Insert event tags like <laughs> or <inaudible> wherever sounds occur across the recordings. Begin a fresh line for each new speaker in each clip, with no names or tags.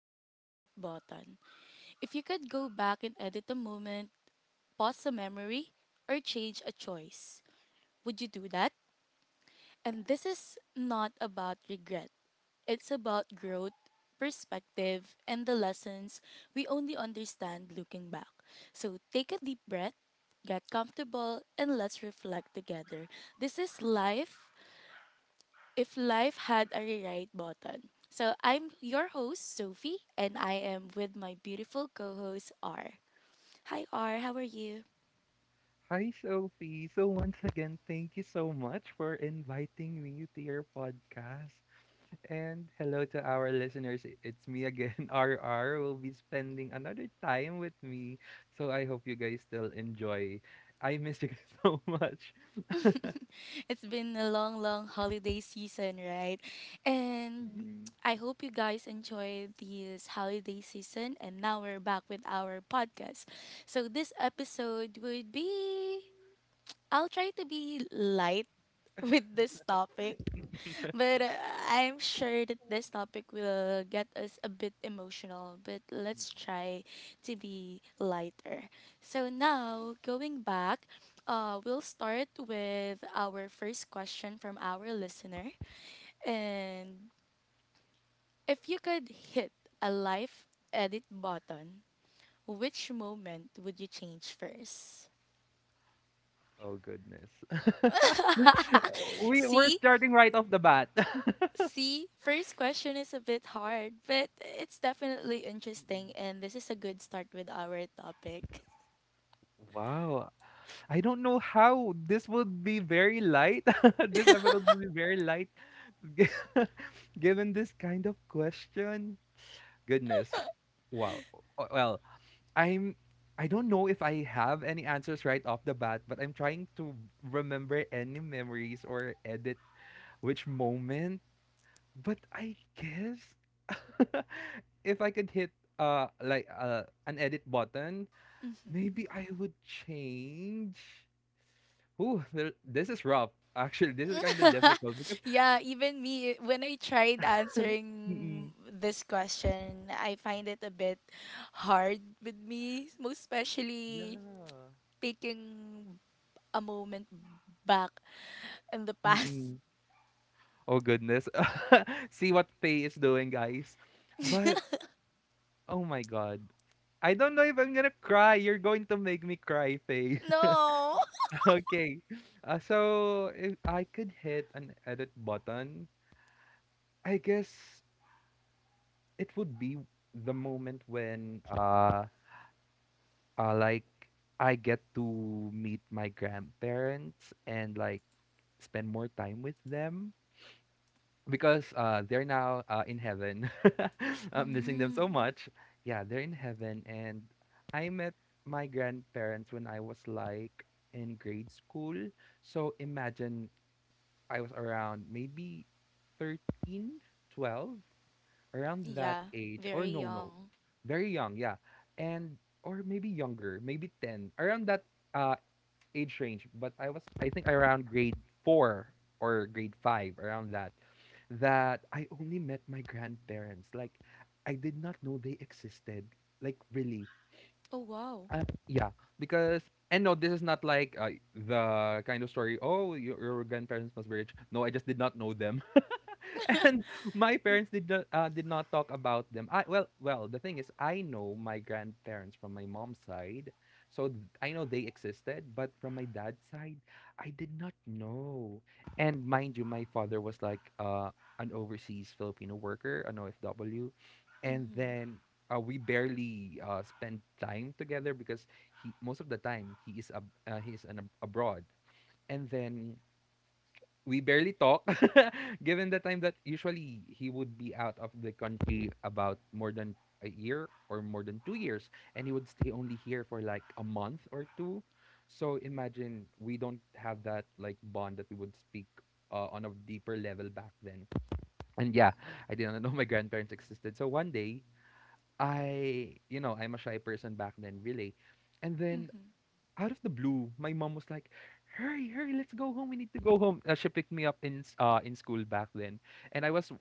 had a rewrite button? If you could go back and edit a moment, pause a memory, or change a choice, would you do that? And this is not about regret, it's about growth, perspective, and the lessons we only understand looking back. So take a deep breath, get comfortable, and let's reflect together. This is life if life had a rewrite button. So I'm your host, Sophie, and I am with my beautiful co host, R. Hi, R. How are you?
Hi, Sophie. So, once again, thank you so much for inviting me to your podcast. And hello to our listeners. It's me again, <laughs> RR, will be spending another time with me. So, I hope you guys still enjoy. I miss you guys <laughs> so much.
It's been a long, long holiday season, right? And
Mm.
I hope you guys enjoyed this holiday season. And now we're back with our podcast. So this episode would be, I'll try to be light <laughs> with this topic, but I'm sure that this topic will get us a bit emotional, but let's try to be lighter. So now, going back, we'll start with our first question from our listener. And if you could hit a life edit button, which moment would you change first?
Oh, goodness. <laughs> We're
See,
starting right off the bat. <laughs>
See, first question is a bit hard, but it's definitely interesting,
Mm.
and this is a good start with our topic. <laughs>
Wow. I don't know how this would be very light. <laughs> This episode will be very light, <laughs> given this kind of question. Goodness, wow. Well, I'm. I don't know if I have any answers right off the bat, but I'm trying to remember any memories or edit which moment. But I guess <laughs> if I could hit like an edit button,
Mhm.
maybe I would change. Ooh, there this is rough. Actually, this is kinda
<laughs>
difficult because
Yeah, even me, when I tried answering
mm.
this question, I find it a bit hard with me, most especially
Yeah.
taking a moment back in the past.
Mm. Oh, goodness. <laughs> See what Faye is doing, guys. But, oh my god, I don't know if I'm gonna cry. You're going to make me cry, Faye.
<laughs>
<laughs>
No! <laughs>
Okay. So if I could hit an edit button, I guess it would be the moment when, like, I get to meet my grandparents and like spend more time with them because they're now in heaven. <laughs> I'm missing them so
Mm,
much. Yeah, they're in heaven, and I met my grandparents when I was like in grade school. So imagine I was around maybe 13, 12, around that
yeah,
age or
very
no,
young.
very young, yeah. And or maybe younger, maybe 10, around that uh age range. But I was, I think, around grade 4 or grade 5, around that, that I only met my grandparents. Like, I did not know they existed, like, really.
Oh, wow.
Yeah, because, and no, this is not like the kind of story, oh, your grandparents must be rich. No, I just did not know them, <laughs> and my parents did not talk about them. I Well, well, the thing is, I know my grandparents from my mom's side, so I know they existed. But from my dad's side, I did not know. And mind you, my father was like an overseas Filipino worker, an OFW, and
Mm-hmm.
then. We barely spend time together because he, most of the time, he is he is abroad, and then we barely talk, <laughs> given the time that usually he would be out of the country about more than a year or more than 2 years, and he would stay only here for like a month or two. So imagine, we don't have that like bond that we would speak on a deeper level back then. And yeah, I didn't know my grandparents existed. So one day, I, you know, I'm a shy person back then, really, and then out of the blue, my mom was like, "Hurry, hurry, let's go home. We need to go home." She picked me up in in school back then, and I was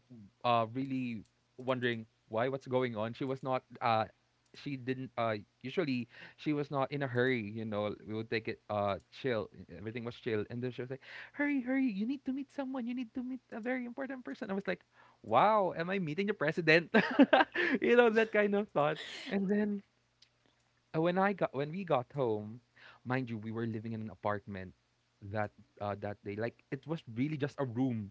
really wondering why, what's going on. She was not she didn't usually, she was not in a hurry. You know, we would take it chill. Everything was chill, and then she was like, "Hurry, hurry, you need to meet someone. You need to meet a very important person." I was like, "Wow, am I meeting the president?" <laughs> You know, that kind of thought. And then when I got, when we got home, mind you, we were living in an apartment that that day. Like, it was really just a room.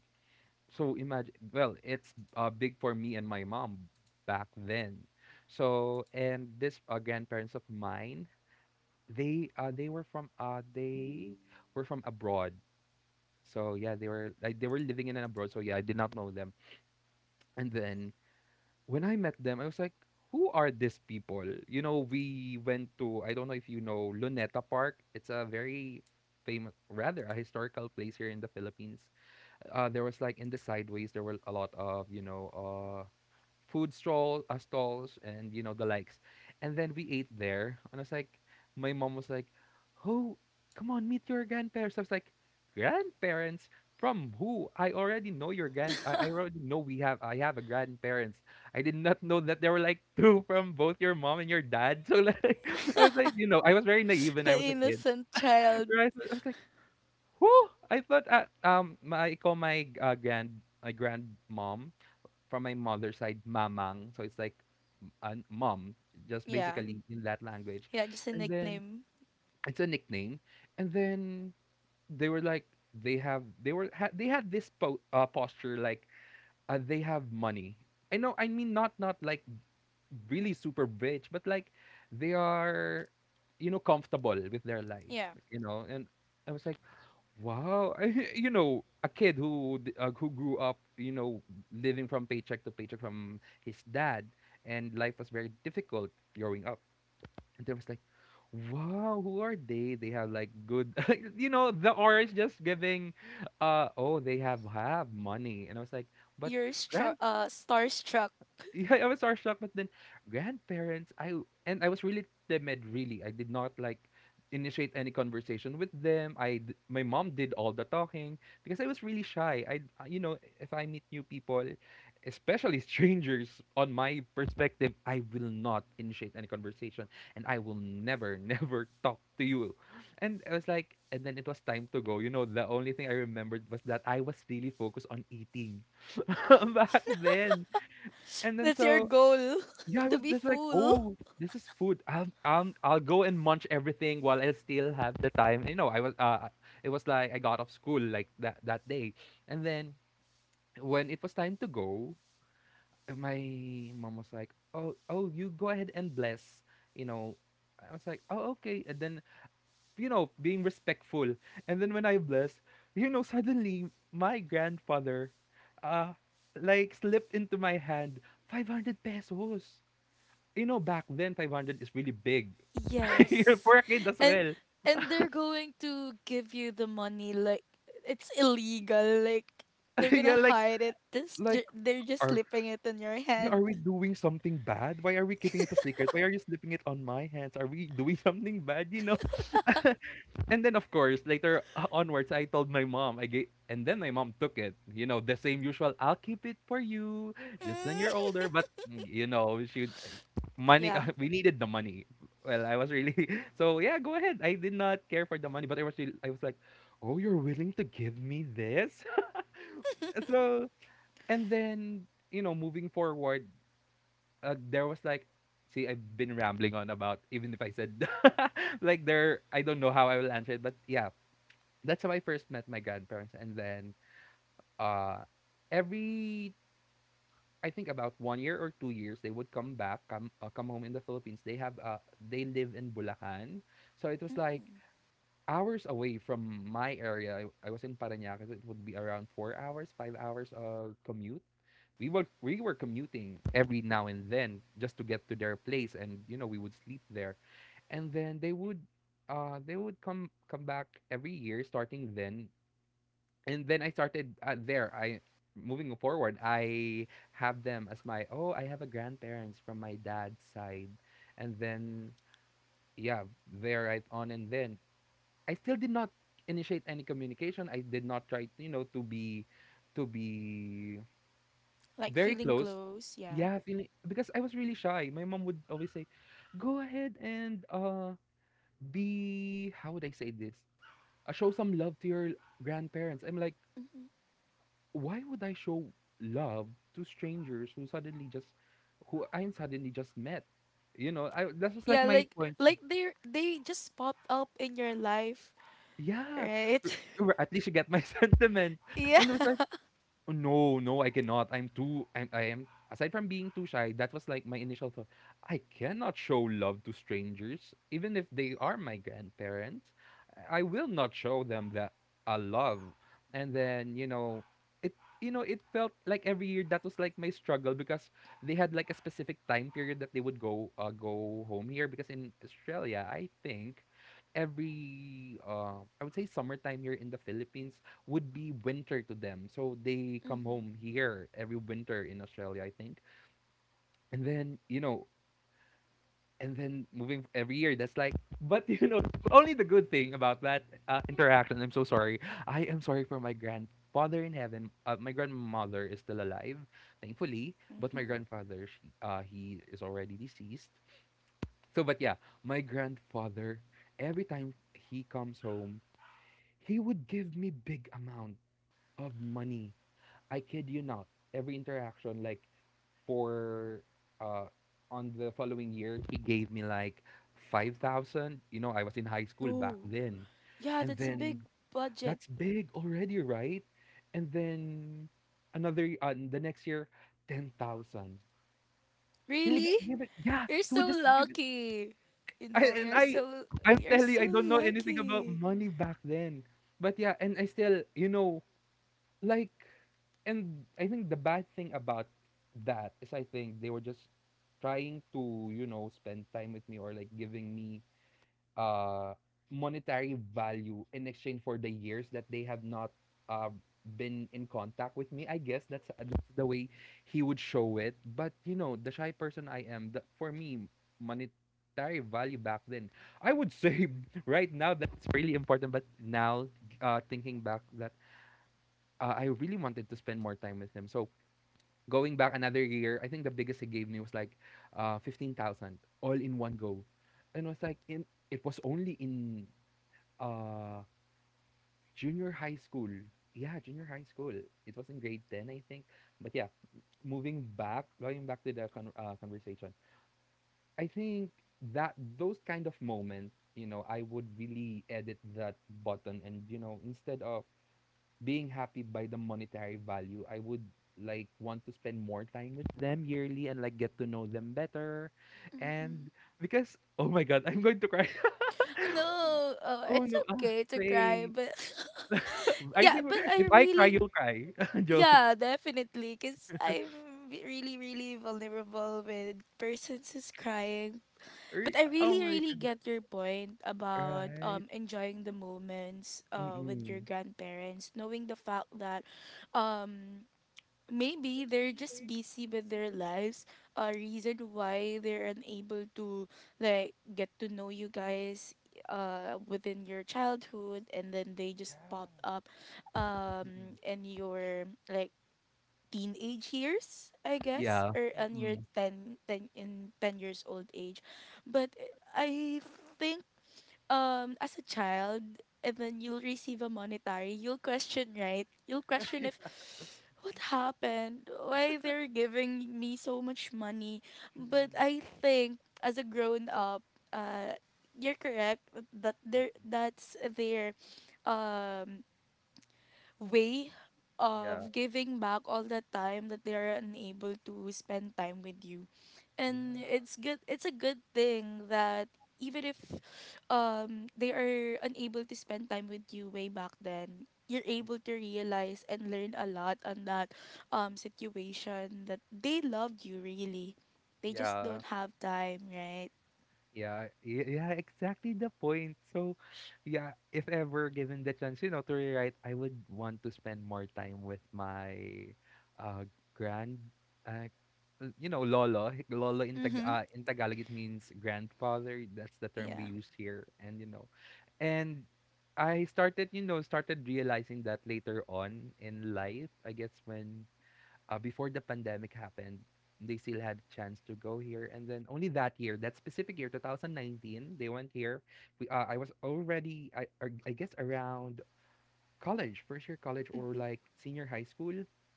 So imagine, well, it's big for me and my mom back then. So, and this grandparents of mine, they were from abroad. So yeah, they were like, they were living in an abroad. So yeah, I did not know them. And then when I met them, I was like, who are these people? You know, we went to, I don't know if you know, Luneta Park. It's a very famous, rather a historical place here in the Philippines. There was like in the sideways, there were a lot of, you know, uh, food stall, stalls and you know the likes. And then we ate there, and I was like, my mom was like, "Oh, come on, meet your grandparents." I was like, "Grandparents from who? I already know your grand. I already know we have. I have a grandparents. I did not know that there were like two from both your mom and your dad." <laughs> So like, I was like, you know, I was very naive when I
The
was a kid.
innocent child.
Right? So I was like, "Who?" I thought, I call my grand, my grandmom from my mother's side, mamang. So it's like m- mom, just
Yeah.
basically in that language.
Yeah, just a
And then,
nickname.
it's a nickname. And then they were like, they have, they had this posture like they have money. I know, I mean, not like really super rich, but like they are, you know, comfortable with their life,
Yeah.
you know. And I was like, wow, <laughs> you know, a kid who who grew up, you know, living from paycheck to paycheck from his dad, and life was very difficult growing up. And there was like, wow, who are they? They have like good, <laughs> you know, the aura is just giving, oh, they have money. And I was like, but.
You're
Grand,
starstruck. <laughs>
yeah, I was starstruck, but then grandparents, I and I was really timid. Really, I did not like initiate any conversation with them. My mom did all the talking because I was really shy. I You know, if I meet new people, especially <laughs> strangers, on my perspective, I will not initiate any conversation, and I will never <laughs> never talk to you. And I was like, and then it was time to go. You know, the only thing I remembered was that I was really focused on eating <laughs> back then. And then
That's your
so
goal,
yeah, I
<laughs> to
was
be
just like,
full.
oh, this is food. I'll go and munch everything while I still have the time. You know, I was, it was like I got off school like that day, and then when it was time to go, my mom was like, oh, oh, you go ahead and bless. You know, I was like, oh, okay, and then, you know, being respectful. And then when I blessed, you know, suddenly my grandfather, uh, like, slipped into my hand 500 pesos. You know, back then, 500 is really big. <laughs> You know,
Yes.
for a kid as
And
well.
and they're going to give you the money like it's illegal. Like
<laughs>
they're
Yeah,
gonna
like,
hide it.
like,
They're just
are,
slipping it in your
yeah, are
hand.
we
<laughs>
doing something bad? Why are we keeping it a secret? Why are you slipping it on my hands? Are we doing <laughs> something bad? You know? <laughs> And then of course later <laughs> onwards, I told my mom, I gave, and then my mom took it. You know, the same usual, I'll keep it for you just when you're older.
Mm.
But mm, you know, she money,
Yeah.
<laughs> we needed the money. Well, I was really <laughs> so yeah, go ahead, I did not care for the money, but I was really, I was like, oh, you're willing to give me this. <laughs> So, and then, you know, moving forward, there was like, see, I've been rambling on about, even if I said, <laughs> like, there I don't know how I will answer it, but yeah, that's how I first met my grandparents. And then uh, every, I think about 1 year or 2 years, they would come back, come home in the Philippines. They have they live in Bulacan, so it was like
Mm.
hours away from my area. I was in Parañaque. So it would be around 4 hours, 5 hours of commute. We were commuting every now and then just to get to their place, and you know, we would sleep there, and then they would come back every year starting then. And then I started there. I moving forward, I have them as my, oh, I have a grandparents from my dad's side, and then yeah, they're right on. And then I still did not initiate any communication. I did not try, you know, to be to be
Like
very
feeling
close.
close. Yeah.
Yeah, feeling, because I was really shy. My mom would always say, "Go ahead and uh, be, how would I say this? Show some love to your grandparents." I'm like, why would I show love to strangers who suddenly just, who I'm suddenly just met? You know, I, that was like
Yeah,
my
like
point.
they are, they just popped up in your life,
Yeah.
right?
r-
<laughs>
At least you get my <laughs> sentiment.
Yeah.
And it was like, "Oh, no, no, I cannot. I'm too. I'm. I am. Aside from being too shy, that was like my initial thought. I cannot show love to strangers, even if they are my grandparents. I will not show them that I love." And then you know, it. It felt like every year that was like my struggle because they had like a specific time period that they would go home here because in Australia, I think every I would say summertime here in the Philippines would be winter to them. So they come
Mhm.
home here every winter in Australia, I think. And then, you know, and then moving every year, that's like, <laughs> but only the good thing about that interaction. I'm so sorry. I am sorry for my grandfather in heaven. My grandmother is still alive, thankfully, but my
Mhm.
grandfather, he is already deceased. So, but yeah, my grandfather, every time he comes home, he would give me big amount of money, I kid you not. Every interaction, like for uh on the following year, he gave me like 5,000. You know, I was in high school back
Oh,
then.
yeah,
And
that's a
then
big budget.
that's big already, right? And then the next year, 10,000. He would
Really?
just give it. Yeah,
You're
he would
so
just give it.
lucky.
I, and
You're
I,
so
I'm
you're
telling you,
so
I don't know anything about
lucky.
money back then. But yeah, and I still, like, and I think the bad thing about that is I think they were just trying to spend time with me, or like giving me uh monetary value in exchange for the years that they have not uh been in contact with me. I guess that's the way he would show it. But you know, the shy person I am, for me monetary value back then, I would say <laughs> right now that's really important. But now thinking back, that I really wanted to spend more time with him. So going back another year, I think the biggest he gave me was like 15,000 all in one go, and was like in it was only in uh, junior high school. Yeah, junior high school. It was in grade 10, I think. But yeah, moving back, going back to the conversation, I think that those kind of moments, I would really edit that button, and instead of being happy by the monetary value, I would like want to spend more time with them yearly and like get to know them better. And because oh my god, I'm going to cry.
Oh, no, oh,
<laughs> Oh
it's
no, ah,
okay to cry,
say.
but
<laughs>
<laughs>
I
yeah,
think
but I
if I cry,
really,
you'll cry. <laughs> Joke.
yeah, definitely, cause I'm really really vulnerable with persons who's crying. But I
Oh
really,
my
really
goodness.
get your point about
Right.
enjoying the moments with your
Mm-mm.
grandparents, knowing the fact that um maybe they're just busy with their lives, a reason why they're unable to like get to know you guys within your childhood, and then they just
Yeah.
popped up
Mm-mm.
in your like teenage years, I guess,
Yeah.
or on your
Mm-mm.
10, ten in 10 years old age. But I think as a child and then you'll receive a monetary, you'll question, right? You'll question, if
<laughs>
what happened? Why they're giving me so much money? But
Mm-mm.
I think as a grown up, uh you're correct that there
Mm-mm.
that's their um way
Yeah.
of giving back all the time that they are unable to spend time with you. And
Yeah.
it's a good thing that even if they are unable to spend time with you way back then, you're
Mm.
able to realize and learn a lot on that situation, that they loved you really, they just
Yeah.
don't have time, right?
Yeah, yeah, exactly the point. So, yeah, if ever given the chance, you know, to rewrite, I would want to spend more time with my uh grand uh l- you know, lolo. <laughs> Lolo in
Mhm.
Tagalog it means grandfather. That's the term we
Yeah.
use here. And I started realizing that later on in life, I guess when before the pandemic happened, they still had a chance to go here. And then only that year, that specific year, 2019, they went here. I was already, I guess, around college, first year college, or like senior high school,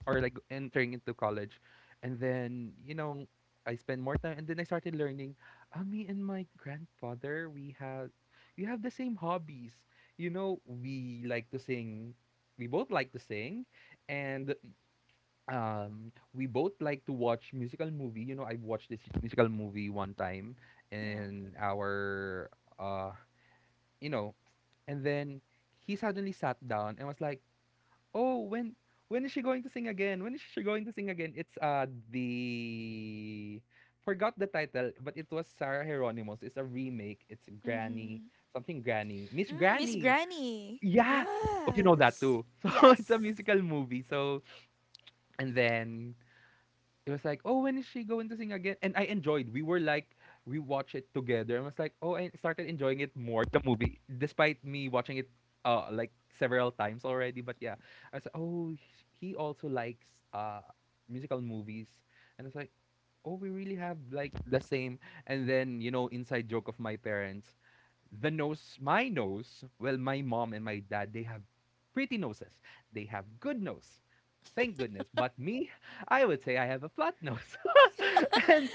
or like entering into college. And then, I spent more time and then I started learning. Me and my grandfather, we have the same hobbies. You know, we like to sing. We both like to sing, and we both like to watch musical movie. I watched this musical movie one time
Yeah.
in our uh you know and then he suddenly sat down and was like, "Oh, when is she going to sing again? When is she going to sing again?" It's the forgot the title, but it was Sarah Hieronymus. It's a remake. It's Granny
Mhm.
something, Granny, Miss
Mm, miss
Granny.
granny.
Yeah. Oh, you
Yeah,
know that
that's.
too. <laughs> So it's a
Yes.
musical movie. So and then it was like, "Oh, when is she going to sing again?" And I enjoyed. We were like, we watched it together. And was like, "Oh, I started enjoying it more, the movie," despite me watching it like several times already. But yeah, I was like, "Oh, he also likes musical movies," and it's like, "Oh, we really have like the same." And then inside joke of my parents, the nose, my nose. Well, my mom and my dad, they have pretty noses. They have good nose. Thank goodness. But me, I would say I have a flat nose. <laughs> And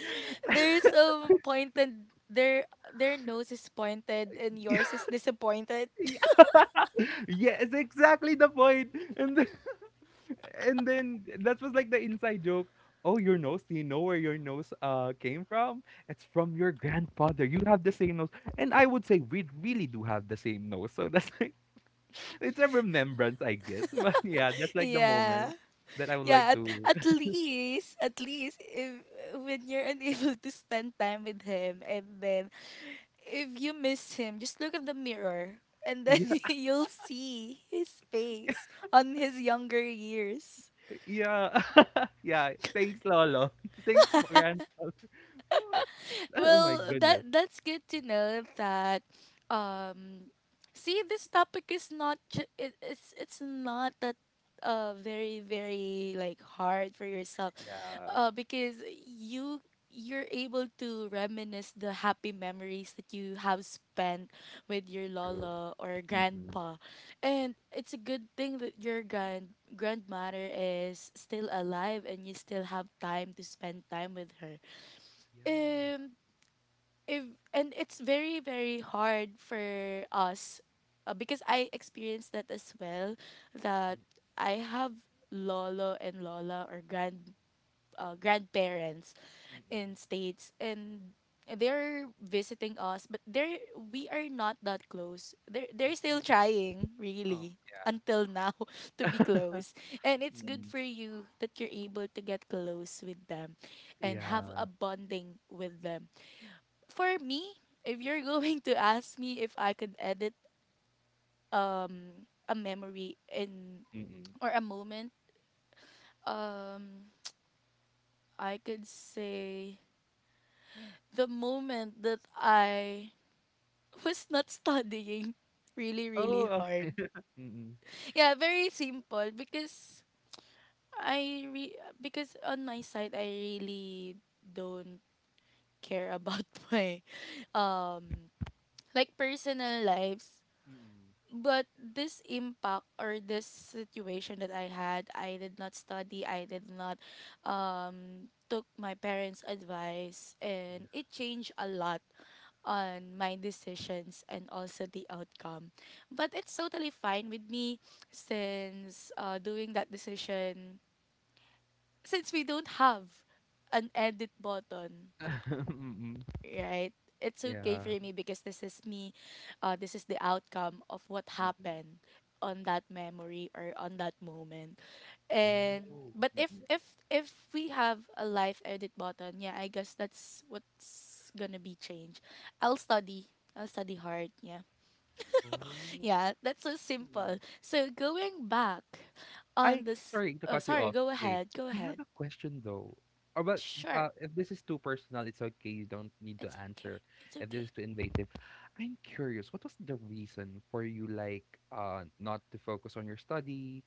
There's some pointed, their nose is pointed and yours is disappointed. <laughs>
<laughs> yeah, it's exactly the point. And then, <laughs> and then that was like the inside joke. "Oh, your nose? Do you know where your nose came from? It's from your grandfather. You have the same nose." And I would say we really do have the same nose. So that's like <laughs> it's a remembrance, I guess. <laughs> But yeah, that's like the
Yeah.
moment that I would
Yeah,
like
at,
to
at least at least if when you're <laughs> unable to spend time with him and then if you miss him, just look at the mirror and
<laughs>
then
yeah.
<laughs> you'll see his face on his younger years.
Yeah. <laughs> Yeah. Thanks, lolo. <laughs> Thanks, gran oh, oh my
Well,
goodness.
that's good to know that. Um see this topic is not ju- it, it's not that very very like hard for yourself,
Yeah,
because you're able to reminisce the happy memories that you have spent with your
true.
lola or
Mm-mm.
grandpa. And it's a good thing that your grandmother is still alive and you still have time to spend time with her.
Yeah.
Um if and it's very very hard for us, because I experienced that as well, that
Mm,
I have lolo and lola, or grandparents
mm-mm.
in states, and they're visiting us, but they're we are not that close. They're still trying
Oh.
really
Yeah.
until now <laughs> to be close, and it's good
Mm-mm.
for you that you're able to get close with them and have a
Yeah.
bonding with them. For me, if you're going to ask me if I could edit um a memory in
Mm-mm.
or a moment, um I could say the moment that I <laughs> was not studying really
Oh,
really hard.
okay. Mm-mm.
Yeah, very simple. Because on my side I really don't care about <laughs> my um like personal lives.
Mm-mm.
But this impact or this situation that I had, I did not study, I did not took my parents' advice, and it changed a lot on my decisions and also the outcome. But it's totally fine with me since doing that decision, since we don't have an edit button,
Yeah. <laughs> Mm-mm.
right? It's okay
Yeah.
for me because this is me, this is the outcome of what
Mm-mm.
happened on that memory or on that moment. And
Oh.
but
Mm-mm.
if we have a live edit button, yeah, I guess that's what's gonna be changed. I'll study. I'll study hard. Yeah, yeah, that's so simple.
Oh.
So going back
I
on this,
sorry to
oh,
cut you
sorry,
off.
go
Wait,
ahead, go
I have
ahead.
a question though. Or but
Sure,
If this is too personal, it's okay. You don't need to
it's okay,
answer.
it's
If
okay.
this is too invasive, I'm curious. What was the reason for you, like, not to focus on your study?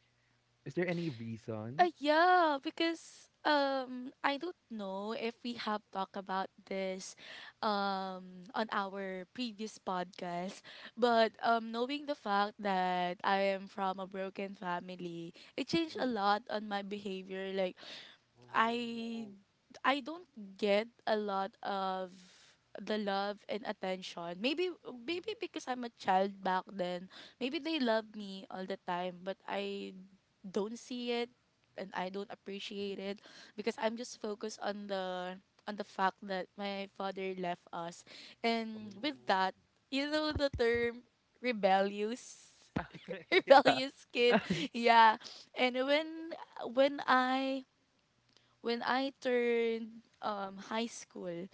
Is there any reason?
Yeah, because I don't know if we have talked about this on our previous podcast, but
Mm,
knowing the fact that I am from a broken family, it changed a
mm,
lot on my behavior. Like I
oh,
I don't get a lot of the love and attention. Maybe, maybe
mm,
because I'm a child back then. Maybe they love me all the time, but I don't see it and I don't appreciate it because I'm just focused on the fact that my father left us.
mm,
And with that,
oh,
you know the term rebellious, <laughs>
<laughs> yeah.
rebellious kid.
Mm,
Yeah. And when I When I turned high school,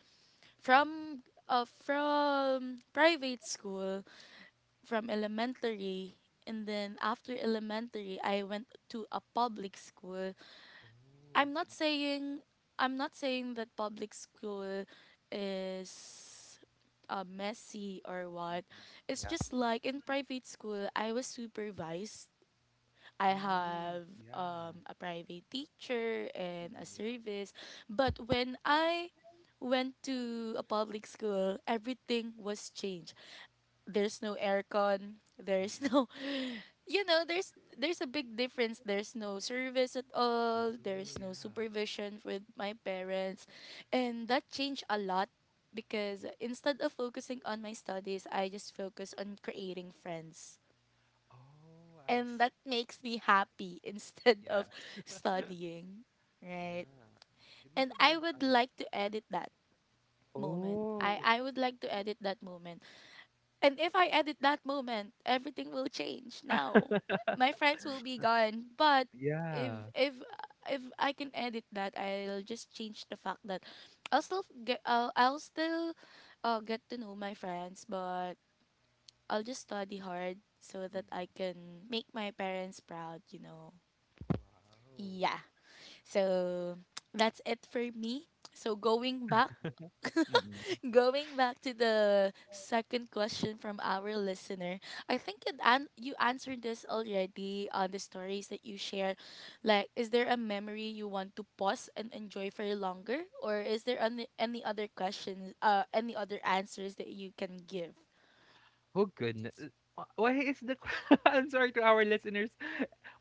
from
mm,
from private school, from elementary, and then after elementary I went to a public school.
oh, mm,
I'm not
mm,
saying I'm not saying that public school is messy or what.
mm,
It's
yeah.
just like in private school I was supervised. I
Mm,
have
yeah.
a private teacher
Mm,
and a
mm, yeah.
service. But when I went to a public school, everything was changed. There's no aircon.
Mm,
There's
mm.
no, <laughs> you know, there's a big difference. There's no service at all.
Oh,
There's no
yeah.
supervision with my parents, and that changed a lot because instead of focusing on my studies, I just focus on creating friends,
Oh, I
and that
see.
makes me happy <laughs> instead
Yeah.
of
<laughs>
studying,
Yeah.
right?
It must
And
have
I
been
would
done.
like to edit that moment. i
Oh,
i would like to edit that moment, and if I edit that moment everything will change. Now my friends will be gone, but if
yeah.
if if I can edit that, I'll just change the fact that I'll still get I'll still get to know my friends, but I'll just study hard so
Mm.
that I can make my parents proud, you know.
Wow.
Yeah. So <tsk> that's it for me. So going back,
Mm-mm.
<laughs> going back to the second question from our listener, I think you answered this already on the stories that you shared. Like, is there a memory you want to pause and enjoy for longer, or is there any other questions, any other answers that you can give?
Oh, goodness. Wh- Why is the que- <laughs> I'm sorry to our listeners,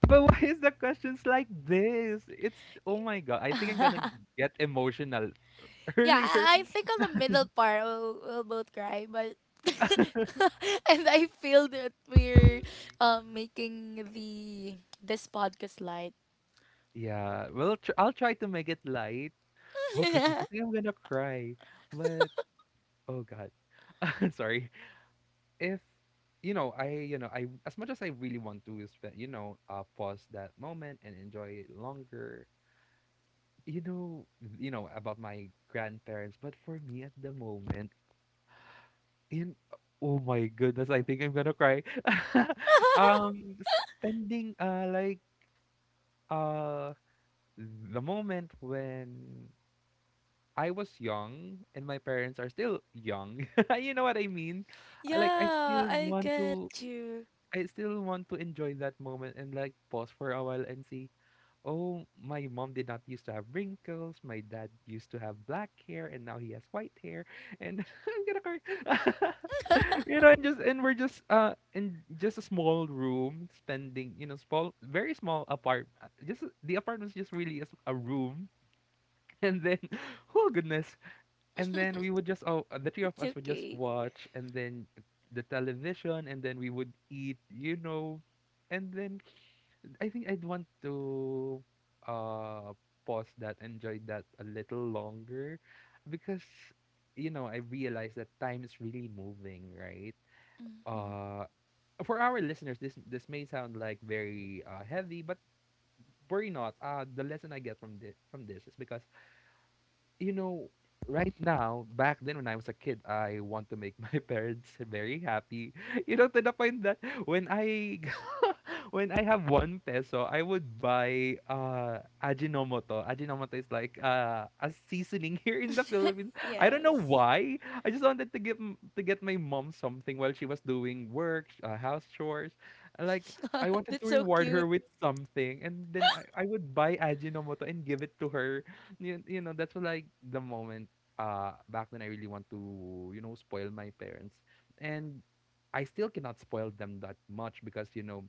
but why is the questions like this? It's oh my god. I think I'm gonna
<laughs>
get emotional <laughs>
Yeah,
earlier.
I think on the middle part we'll both cry, but <laughs> and I feel that we're making the this podcast light.
Yeah. Well, I'll try to make it light. Oh goodness, I think I'm
<laughs>
gonna cry. But oh god. <laughs> Sorry. If I as much as I really want to is that pause that moment and enjoy it longer. you know you know about my grandparents, but for me at the moment, in oh my goodness, I think I'm gonna cry. <laughs> Spending like, uh the moment when I was young and my parents are still young, <laughs> you know what I mean. I- like i
Yeah,
still
I
want
get
to
you.
I still want to enjoy that moment and like pause for a while and see, oh, my mom did not used to have wrinkles. My dad used to have black hair and now he has white hair. And <laughs> I'm gonna cry. <laughs> And we're just in just a small room spending, small, very small, apart just the apartment's just really is a room. <laughs> And then, oh goodness, and then we would just oh the three of
It's
us would just
okay.
watch, and then the television, and then we would eat. And then I think I'd want to uh pause that, enjoy that a little longer, because I realize that time is really moving, right?
Hmm.
uh for our listeners, this may sound like very heavy, but worry not. The lesson I get from this is, because, you know, right now, back then when I was a kid, I want to make my <laughs> parents very happy. To the point that when I <laughs> when I have 1 peso, I would buy Ajinomoto. Ajinomoto is like a seasoning <laughs> here in the Philippines. I don't know
Yes.
why. I just wanted to to get my mom something while she was doing work, house chores. Like I
<laughs>
wanted
That's
to
so
reward
cute.
her with something, and then I would buy Ajinomoto and give it to her. That's like the moment back then I really want to spoil my parents, and I still cannot spoil them that much because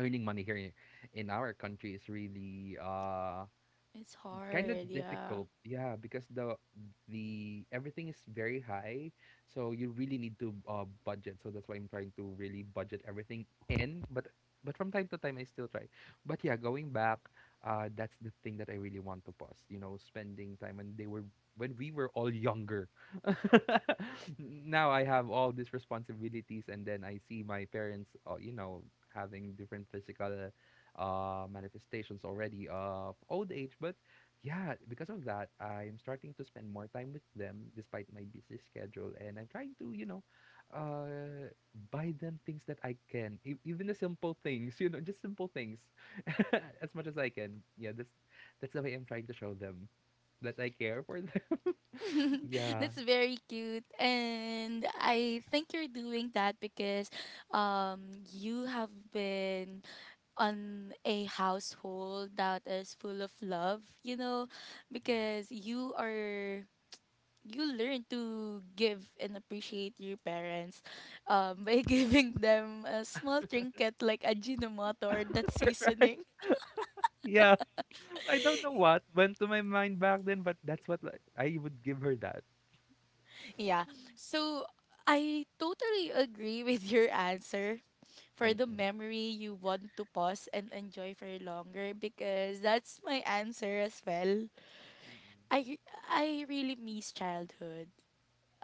earning money here in our country is really
It's
kind of
hard, yeah.
difficult, yeah, because the everything is very high, so you really need to budget. So that's why I'm trying to really budget everything in, but from time to time I still try. But yeah, going back, that's the thing that I really want to pause, spending time when they were when we were all younger. <laughs> Now I have all these responsibilities, and then I see my parents having different physical manifestations already of old age. But yeah, because of that, I'm starting to spend more time with them despite my busy schedule, and I'm trying to, uh, buy them things that I can, even the simple things, just simple things, <laughs> as much as I can. Yeah, that's the way I'm trying to show them that I care for them. <laughs>
<laughs>
Yeah,
That's very cute. And I think you're doing that because you have been on a household that is full of love, you know,
yeah.
because you are, you learn to give and appreciate your parents, by <laughs> giving them a small trinket like a ajinomoto or that
<laughs> Right.
seasoning. <laughs>
Yeah, I don't know what went to my mind back then, but that's what, like, I would give her that.
Yeah. So I totally agree <laughs> with your answer for the
Mm-mm.
memory you want to pause and enjoy for longer, because that's my answer as well.
Mm-mm.
I I really miss childhood.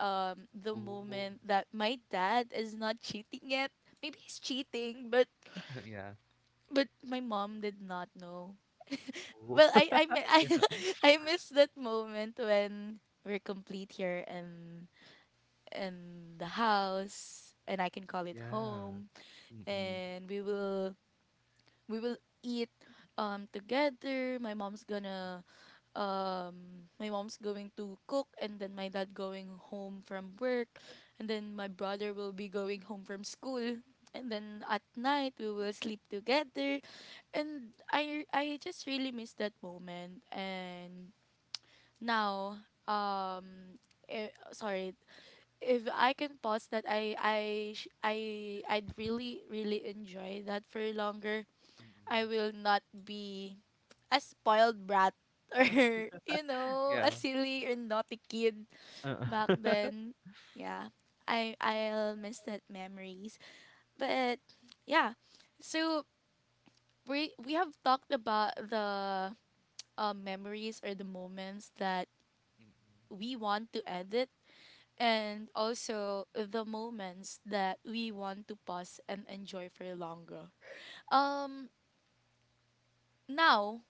The
Oh,
moment that my dad is not cheating yet. Maybe he's cheating,
<laughs> yeah.
but my mom did not know.
Oh.
Well, <laughs> I
<laughs>
I miss that moment when we're complete here and in the house and I can call it
Yeah.
home,
Mm-mm.
and we will eat together. My mom's going to cook, and then my dad going home from work, and then my brother will be going home from school, and then at night we will sleep together. And I just really miss that moment. And now, um sorry, if I can pause that, I sh- I I'd really really enjoy that for longer.
Mm-mm.
I will not be a spoiled brat <laughs> or a
Yeah.
silly or naughty kid
Uh,
back
<laughs>
then. Yeah. I'll miss that memories. But yeah. So we have talked about the memories or the moments that
Mm-mm.
we want to edit, and also the moments that we want to pause and enjoy for longer. Um Now,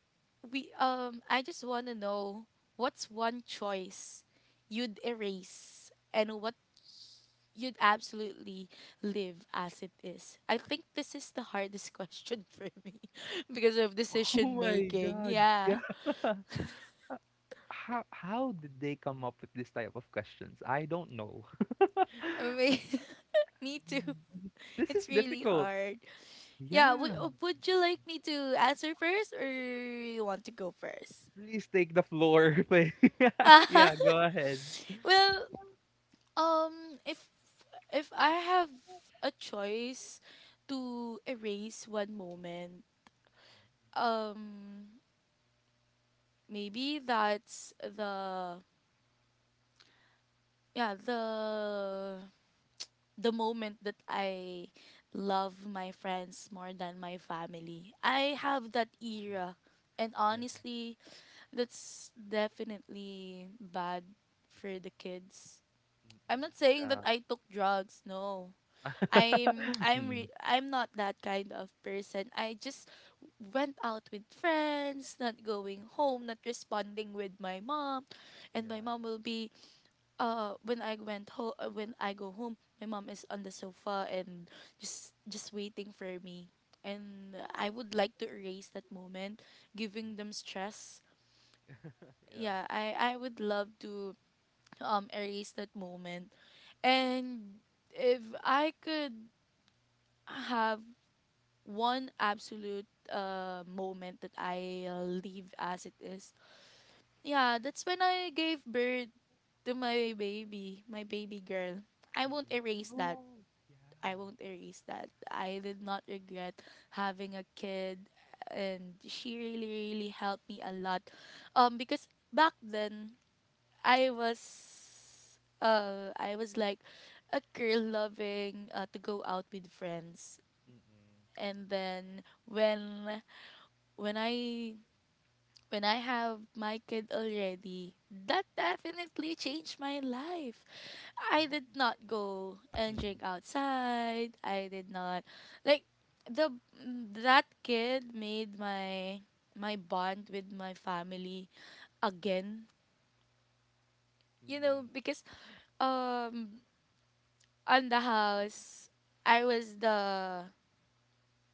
we I just want to know, what's one choice you'd erase and what you'd absolutely live as it is? I think this is the hardest <laughs> question for me, <laughs> because of
Oh
decision
my
making.
God.
Yeah.
Yeah. <laughs> How did they come up with this type of questions? I don't know. <laughs>
I mean, <laughs> me too.
This is
It's really
difficult.
hard. Yeah, would
Yeah.
you like me to answer first, or you want to go first?
Please take the floor. <laughs> Please. <laughs>
<laughs>
Yeah, go ahead.
Well, um if if I have a choice to erase one moment, um, maybe that's the yeah the moment that I love my friends more than my family. I have that
Oh.
era, and
Yeah.
honestly, that's definitely bad for the kids. I'm
Mm-mm.
not saying that
Yeah.
I took drugs. No, I'm
<laughs>
I'm
Mm.
re- I'm not that kind of person. I just went out with friends, not going
Mm-mm.
home, not responding with my mom, and my
Yeah.
mom will be, when I went home when I go home, my mom is on the sofa and just waiting for me. And I would like to erase that moment, giving them
Mm.
stress.
<laughs> Yeah.
Yeah, I would love to erase that moment. And if I could have one absolute moment that I leave as it is, yeah, that's when I gave birth to my baby girl. I won't
Mm-mm.
erase that.
Oh, yeah.
I won't erase that. I did not regret having a kid, and she really really helped me a lot. Because back then I was, like a girl loving, to go out with friends. And then when when I I have my kid already, that definitely changed my life. I did not
Mm-mm.
go and
Right.
drink outside. I did not. Like the That kid made my bond with my family again. You know,
Mm-mm.
because um on the house I was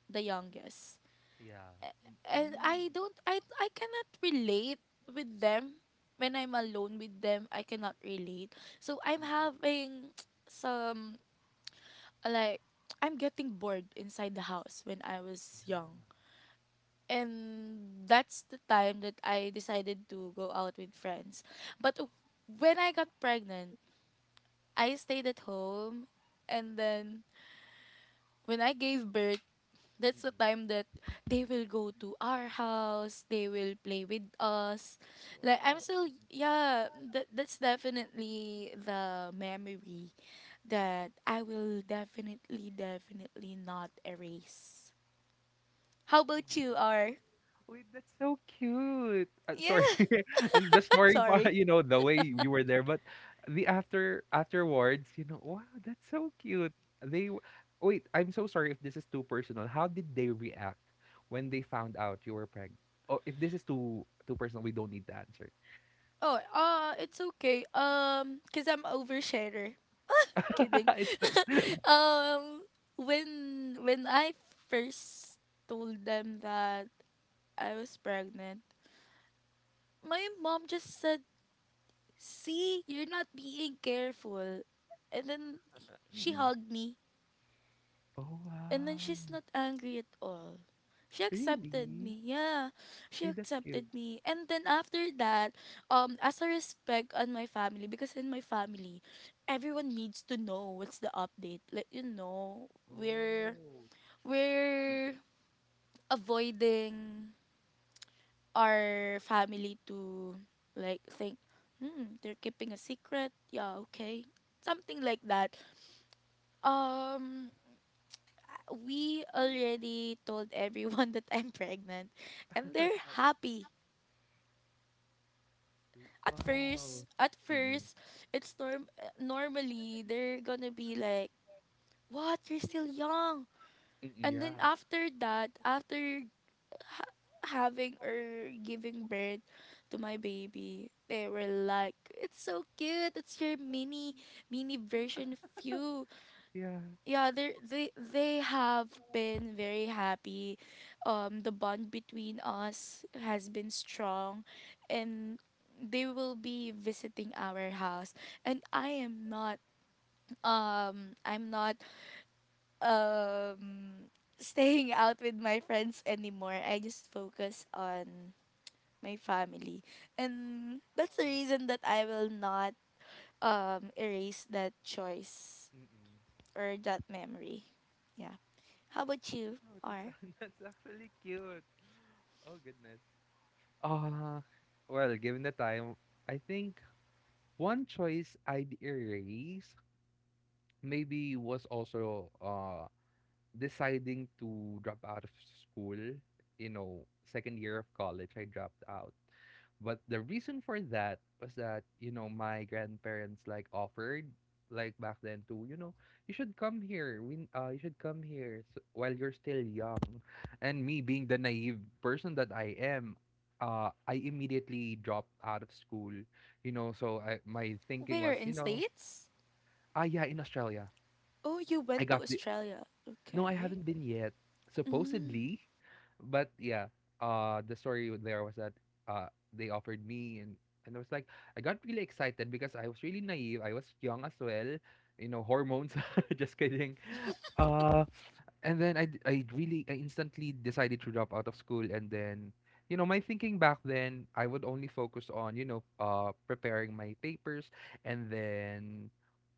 the youngest.
Yeah.
And
Mm-mm.
I don't I cannot relate with them. When I'm alone with them, I cannot relate, so I'm
Mm-mm.
having <tsk> some, like, I'm getting bored inside the house when I was
Yeah.
young. And that's the time that I decided to go out with friends. But when I got pregnant, I stayed at home. And then when I gave birth, that's the
Mm-mm.
time that they will go to our house, they will play with us.
Wow.
Like, I'm
Wow.
still, yeah, that that's definitely the memory that I will definitely definitely not erase. How about you, R?
Wait, that's so cute.
Yeah,
Sorry, <laughs> and the
<laughs>
story, <laughs>
sorry.
the way you were there, but the afterwards, wow, that's so cute. They w- Wait. I'm so sorry if this is too personal. How did they react when they found out you were pregnant? Oh, if this is too personal, we don't need to answer.
Oh, it's okay. Cuz I'm oversharer. Kidding.
<laughs> It's like,
<laughs> Um when I first told them that I was pregnant, my mom just said, "See, you're not being careful." And then she
Mm-mm.
hugged me,
Oh
and then
wow,
she's not angry at all. She accepted
really?
me. Yeah, she
Hey, that's cute.
accepted me. And then after that, as a respect on my family, because in my family everyone needs to know what's the update. Like,
Oh,
we're avoiding our family to, like, think, hmm, they're keeping a secret. Yeah, okay. Something like that. Um we already told everyone <laughs> that I'm pregnant, and they're happy. At first,
wow. Mm-mm.
it's norm normally they're going to be like, "What? You're still young."
Mm-mm,
And
yeah.
then after that, after ha- having or giving birth to my baby, they were like, it's so cute, it's your mini version of you.
Yeah.
Yeah, they have been very happy. The bond between us has been strong, and they will be visiting our house, and I'm not, um <laughs> staying out with my friends anymore. I just focus on my family. And that's the
Wow.
reason that I will not erase that choice
Mm-mm.
or that memory. Yeah. How about you,
Wow,
R?
<laughs> that's actually cute. Oh goodness. Uh, well, given the time, I think one choice I'd erase maybe was also deciding to drop out of school, second year of college, I dropped out. But the reason for that was that, my grandparents, like, offered, like, back then, to, you should come here. We you should come here s while you're still young. And me being the naive person that I am, I immediately dropped out of school, you know, so I my thinking
Where
was,
in States?
ah yeah, in Australia.
Oh, you
I
went to
got the
Australia.
No, I
Okay.
haven't been yet.
Mm.
Supposedly, but yeah. The story there was that they offered me, and I was like, I got really excited because I was really naive. I was young as well, hormones. <laughs> Just kidding.
<laughs>
Uh, and then I d- I really I instantly decided to drop out of school, and then my thinking back then, I would only focus on preparing my papers, and then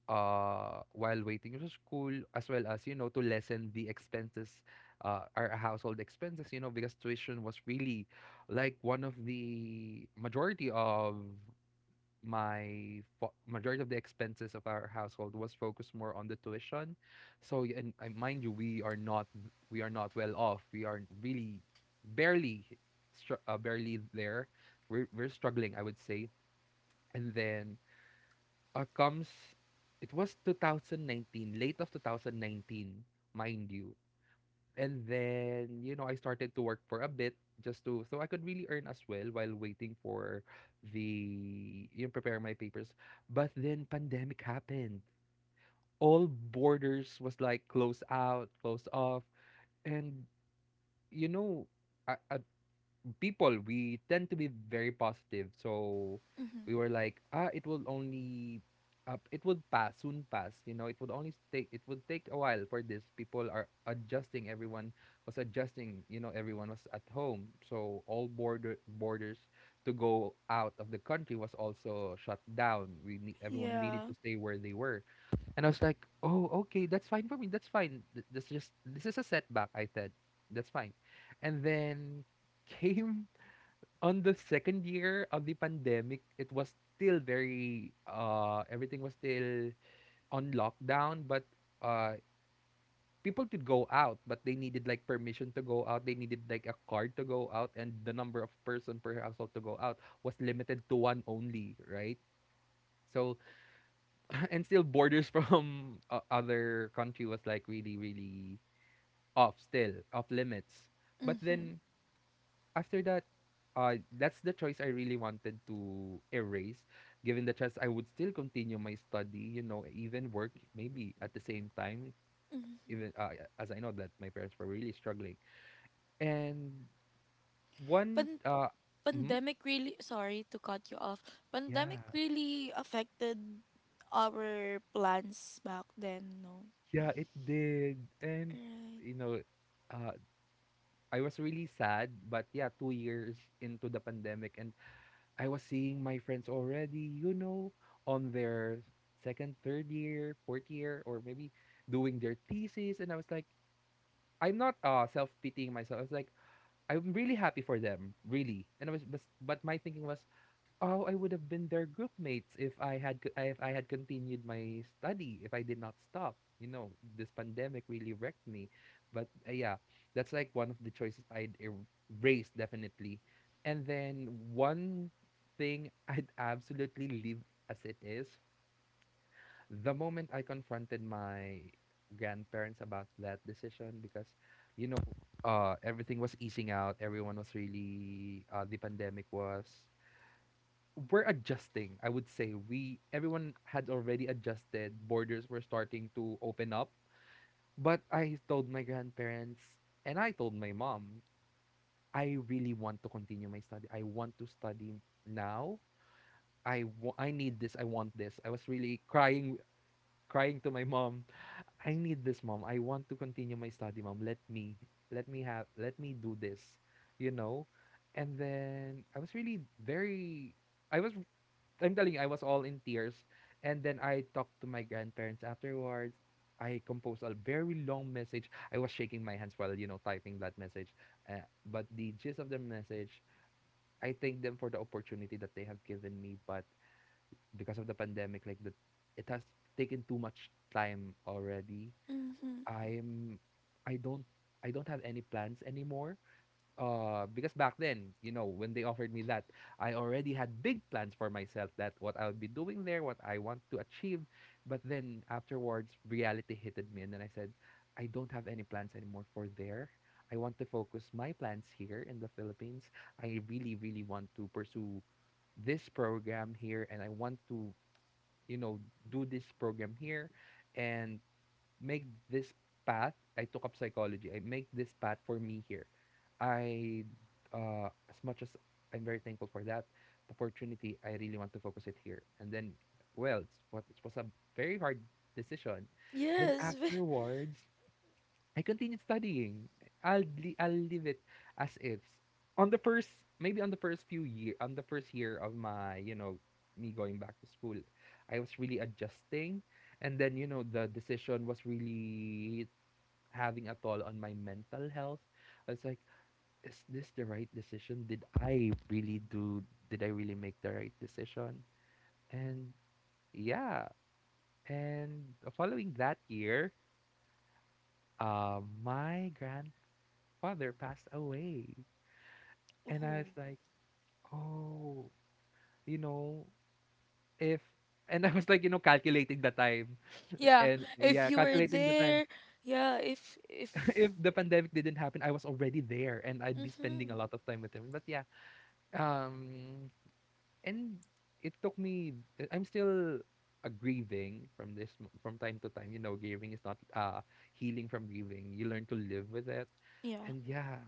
while waiting for school, as well as to lessen the expenses, our household expenses, because tuition was really, like, one of the majority of majority of the expenses of our household was focused more on the tuition. So y- and mind you, we are not well off. We are really barely barely there. We're struggling, I would say. And then comes it was 2019, late of 2019, mind you. And then I started to work for a bit, just to so I could really earn as well while waiting for the you know prepare my papers. But then pandemic happened, all borders was, like, closed out, closed off. And you know I, I, we tend to be very positive. So
Mm-hmm.
we were like, ah, it would pass, soon pass. It would take a while for this. People are adjusting. Everyone was adjusting. Everyone was at home, so all borders to go out of the country was also shut down. We need everyone needed
Yeah.
to stay where they were, and I was like, oh, okay, that's fine for me. That's fine. This is a setback. I said, that's fine, and then <laughs> came on the second year of the pandemic. It was still very, everything was still on lockdown, but uh people could go out, but they needed, like, permission to go out. They needed, like, a card to go out, and the number of person per household to go out was limited to one only, right? So <laughs> and still borders <laughs> from other country was, like, really really off still off limits. But
Mm-hmm.
then after that, that's the choice I really wanted to erase. Given the chance, I would still continue my study, even work, maybe, at the same time,
hmm
even as I know that my parents were really struggling. And one,
Pan-
uh, mhm,
pandemic really, sorry to cut you off.
yeah,
Pandemic really affected our plans back then, no?
yeah, it did. And,
Right.
you know, uh, I was really sad, but yeah, 2 years into the pandemic, and I was seeing my friends already, on their second, third year, fourth year, or maybe doing their thesis. And I was like, I'm not self pitying myself. I was like, I'm really happy for them, really. And I was, but my thinking was, oh, I would have been their group mates if I had continued my study, if I did not stop. This pandemic really wrecked me. But yeah, that's, like, one of the choices I'd erase definitely. And then one thing I'd absolutely leave as it is, the moment I confronted my grandparents about that decision, because you know, everything was easing out, everyone was really the pandemic was, we're adjusting. I would say we everyone had already adjusted. Borders were starting to open up. But I told my grandparents and I told my mom, I really want to continue my study. I want to study now. I need this. I want this. I was really crying to my mom. I need this, mom. I want to continue my study, mom. Let me do this, you know? And then I was really very I was I'm telling you, I was all in tears. And then I talked to my grandparents afterwards. I composed a very long message. I was shaking my hands while, typing that message. But the gist of the message, I thank them for the opportunity that they have given me. But because of the pandemic, it has taken too much time already.
Mm-hmm.
I'm, I don't, I don't have any plans anymore, because back then, when they offered me that, I already had big plans for myself, that what I'll be doing there, what I want to achieve. But then afterwards reality hitted me, and then I said, I don't have any plans anymore for there. I want to focus my plans here in the Philippines. I really really want to pursue this program here, and I want to, you know do this program here and make this path. I took up psychology. I make this path for me here. I, as much as I'm very thankful for that opportunity, I really want to focus it here. And then, well, it was a very hard decision. Then
Yes. <laughs>
afterwards, I continued studying. I'll leave it as is. On the first, maybe on the first year of me going back to school, I was really adjusting, and then the decision was really having a toll on my mental health. I was like, is this the right decision? Did I really do? Did I really make the right decision? And yeah, and following that year, my grand father passed away. And I
Oh.
was like, oh, you know, if, and I was like, you know, calculating the time. <laughs>
Yeah,
And
if
yeah,
you were
calculating the time.
there, yeah, if
<laughs> If
if
the pandemic didn't happen, I was already there and I'd be spending a
mhm.
lot of time with him. But yeah, um, and I'm still grieving from from time to time. Grieving is not healing from grieving. You learn to live with it.
Yeah.
And yeah,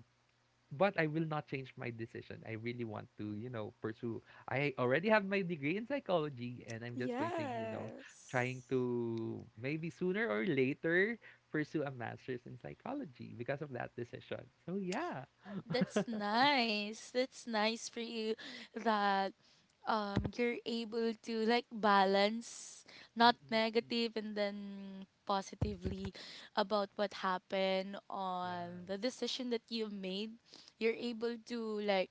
but I will not change my decision. I really want to, pursue. I already have my degree in psychology, and I'm just waiting, trying
Yes.
to maybe sooner or later pursue a master's in psychology because of that decision. So yeah.
That's nice. That's nice for you that you're able to, like, balance, not
Mm-mm.
negative, and then positively about what happened
Yeah.
on the decision that you made. You're able to like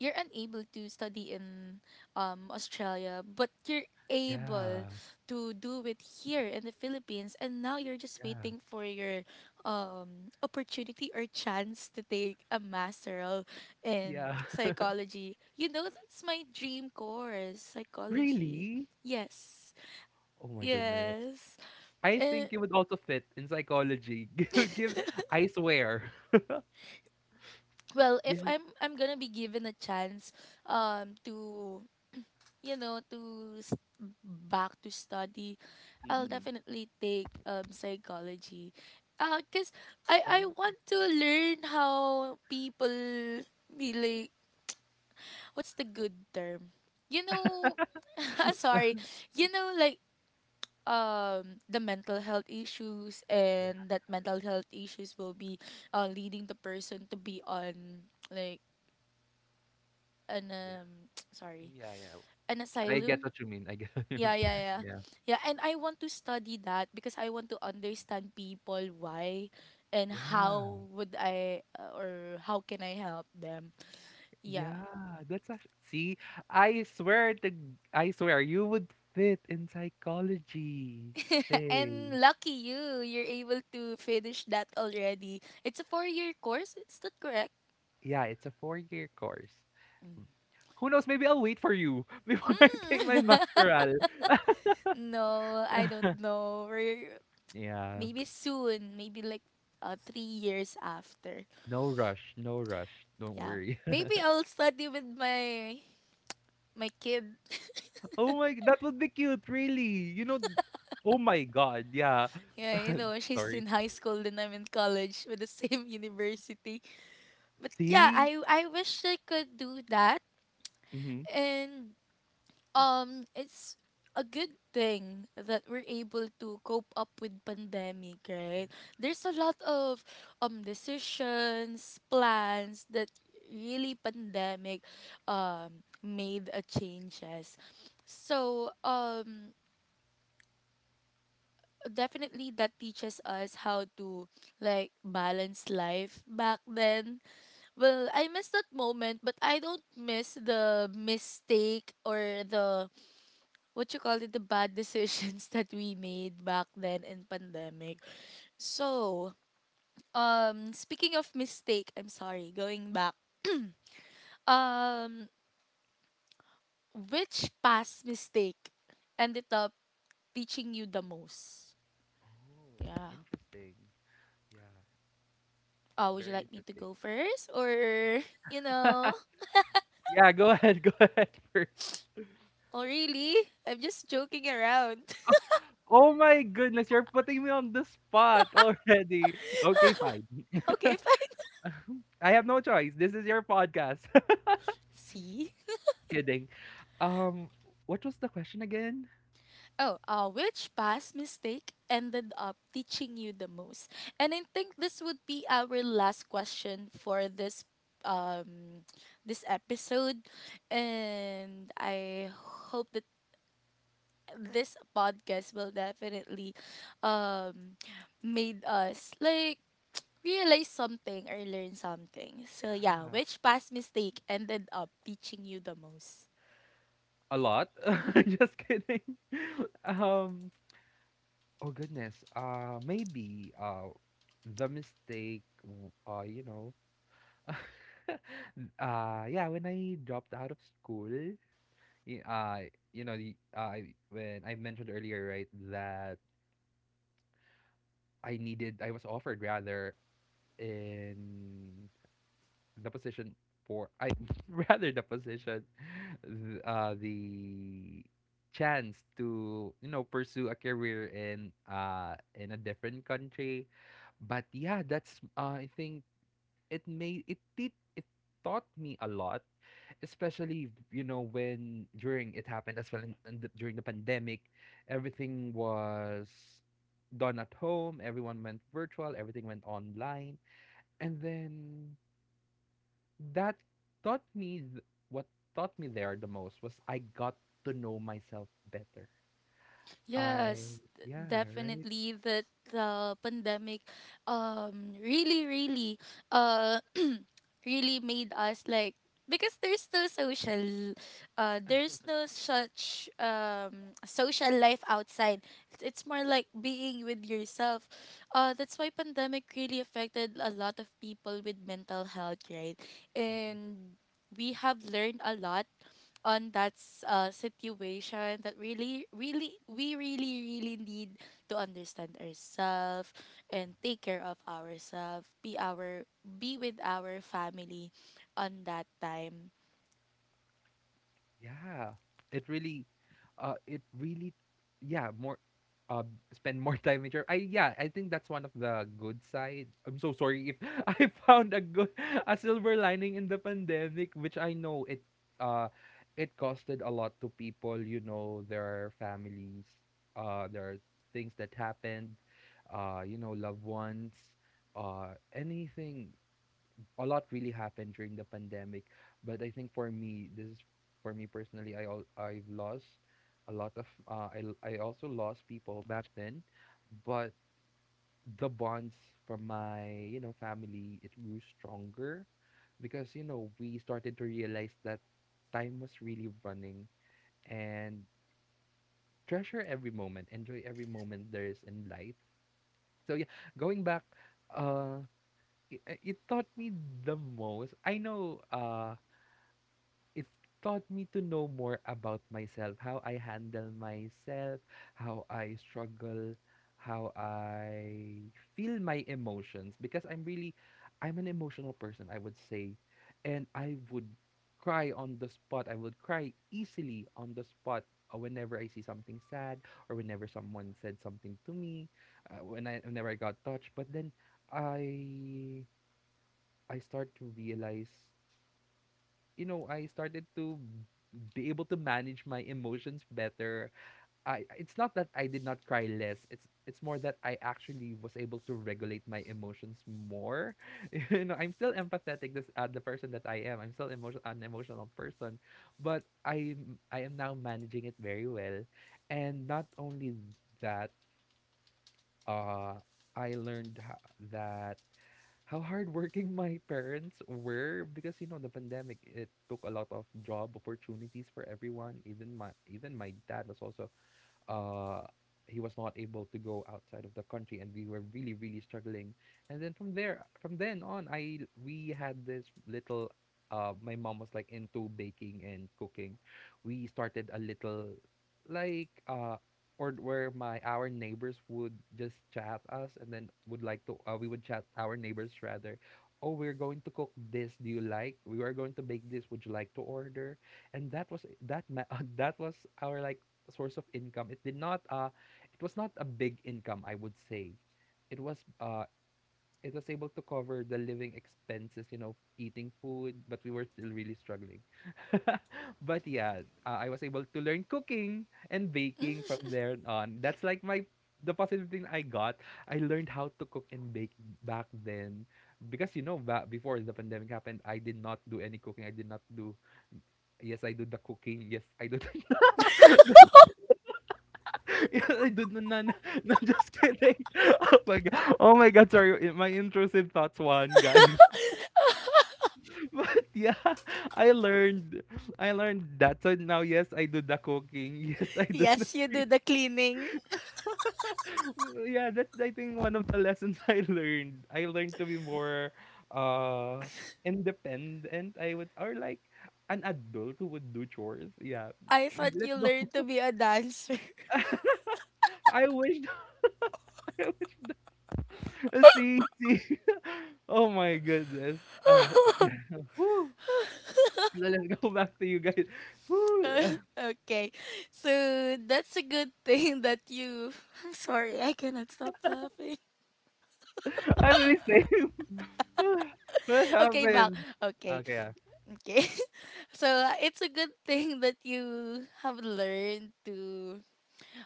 you're unable to study in Australia, but you're able
Yeah.
to do it here in the Philippines, and now you're just
Yeah.
waiting for your opportunity or chance to take a master in
Yeah. <laughs>
psychology. You know, that's my dream course, psychology.
Really?
Yes.
Oh my goodness.
Yes.
I
And
think you would also fit in psychology. <laughs> Give, I swear.
well,
<laughs>
if
Yes.
I'm going to be given a chance, to, to back to study, I'll
Mm-mm.
definitely take psychology. Cause I
Oh.
want to learn how people be like, what's the good term? You know, <laughs> sorry. You know, like, the mental health issues,
Yeah.
and that mental health issues will be leading the person to be on, like, an,
Yeah.
<tsk> sorry,
Yeah, yeah.
an
I get
asylum.
what you mean. I get <laughs> what you mean.
Yeah, yeah, yeah.
Yeah.
Yeah, and I want to study that because I want to understand people why, and
Yeah.
how would I, or how can I help them. Yeah.
Yeah. That's actually see, I swear you would fit in psychology
<laughs>
thing.
And lucky you, you're able to finish that already. It's a four-year course, is that correct?
Yeah, it's a 4-year course. Who knows, maybe I'll wait for you <laughs> before I take my
Mm.
masteral. <laughs>
<laughs> No, I don't
Yeah.
know. We're
Yeah.
maybe soon, maybe like, 3 years after.
No rush. No rush. Don't
Yeah.
worry. <laughs>
Maybe I'll study with my kid.
Oh my, that would be cute, really. Oh my God. Yeah.
Yeah,
<laughs>
she's
Sorry.
in high school and I'm in college with the same <laughs> university. But yeah,
See?
I wish I could do that.
Mm-hmm.
And it's a good thing that we're able to cope up with pandemic, right? There's a lot of decisions, plans, that really pandemic made a changes. So, definitely that teaches us how to, like, balance life back then. Well, I miss that moment, but I don't miss the mistake, or the what you call it, the bad decisions, <laughs> that we made back then in pandemic. So, speaking of mistake, I'm sorry, going back, um which past mistake ended up teaching you the most?
Oh,
Yeah.
interesting. Yeah,
Oh, would you
very
like me to
interesting.
go first? Or, <laughs> you know,
<laughs> Yeah, go ahead. <laughs> Go ahead first.
oh, really? I'm just joking around.
Oh my goodness, you're putting me on the spot <laughs> already. Okay, fine.
<laughs> Okay,
<laughs>
fine.
I have no choice. This is your podcast.
<laughs> See?
<laughs> Kidding. Um, what was the question again?
Oh, which past mistake ended up teaching you the most? And I think this would be our last question for um this episode. And I hope that this podcast will definitely um made us, like, realize something or learn something. So yeah,
Yeah,
which past mistake ended up teaching you the most?
a lot. <laughs> Just kidding. <laughs> Um, oh goodness. Maybe the mistake. You know. <laughs> Yeah, when I dropped out of school, y- uh you know, when I mentioned earlier, right, that I was offered rather, in the position for I <laughs> rather the position, the chance to, you know, pursue a career in a different country. But yeah, that's I think it made it did it taught me a lot, especially you know when during it happened as well during the pandemic. Everything was done at home, everyone went virtual, everything went online. And then that taught me what taught me there the most was I got to know myself better. I
Yes,
Yeah, right.
definitely that the pandemic, really really really made us like, because there's no such social life outside. It's more like being with yourself. That's why pandemic really affected a lot of people with mental health, right?
Mm, mm.
And we have learned a lot on that situation, that really really we really really need to understand ourselves and take care of ourselves, be with our family on that time.
Yeah, it really, it really, yeah, more, uh, spend more <laughs> time with your. I yeah, I think that's one of the good side. I'm so sorry if <laughs> I found a good a silver lining in the pandemic, which I know it, uh, it costed a lot to people. You know, their families, there are things that happened, you know, loved ones, anything, a lot really happened during the pandemic, but I think for me, this is for me personally, I've lost a lot of I also lost people back then, but the bonds from my, you know, family, it grew stronger because, you know, we started to realize that time was really running and treasure every moment, enjoy every moment there is in life. So yeah, going back, uh, it, it taught me the most. I know, it taught me to know more about myself, how I handle myself, how I struggle, how I feel my emotions, because I'm really, I'm an emotional person, I would say, and I would cry on the spot. I would cry easily on the spot whenever I see something sad or whenever someone said something to me, whenever I got touched. But then I I start to realize, you know, I started to be able to manage my emotions better. I It's not that I did not cry less. It's more that I actually was able to regulate my emotions more. <laughs> You know, I'm still empathetic this the person that I am. I'm still emotion an emotional person, but I am now managing it very well. And not only that, uh I learned that how hardworking <laughs> my parents were, because you know the pandemic, it took a lot of job opportunities for everyone. Even my, even my dad was also uh he was not able to go outside of the country, and we were really really struggling. And then from there, from then on, I we had this little my mom was like into baking and cooking. We started a little like or where my our neighbors would just chat us, and then would like to we would chat our neighbors rather, oh, we're going to cook this, do you like, we are going to bake this, would you like to order? And that was <laughs> that was our like source of income. It did not it was not a big income, I would say. It was uh it was able to cover the living expenses, you know, eating food, but we were still really struggling. <laughs> But yeah, I was able to learn cooking and baking from there on. That's like my, the positive thing I got. I learned how to cook and bake back then, because you know, back before the pandemic happened, I did not do any cooking. I did not do, yes, I do the cooking. Yes, I do. The... <laughs> <laughs> Yeah, dude, no, no, no, no, just kidding. <laughs> Oh my god. Oh my god, sorry. My intrusive thoughts one, guys. <laughs> But yeah, I learned. I learned that. So now yes, I do the cooking. <laughs> Yes, I do the
Yes, you do
cooking.
the cleaning.
<laughs> Yeah, that's I think one of the lessons <laughs> I learned. I learned to be more uh independent, I would, or like an adult who would do chores. Yeah.
I thought you
Let's go.
learned to be a dancer.
<laughs> I wish. <laughs> I wish. <laughs> See, see. <laughs> Oh my goodness. <laughs> Whew. Let's go back to you guys. Whew.
<laughs> Okay. So that's a good thing that you, <laughs> I'm sorry, I cannot stop laughing.
<laughs> I really say <laughs> what
<laughs> Okay, back.
happened?
Okay.
Okay, yeah. <laughs>
Okay. <laughs> So, it's a good thing that you have learned to,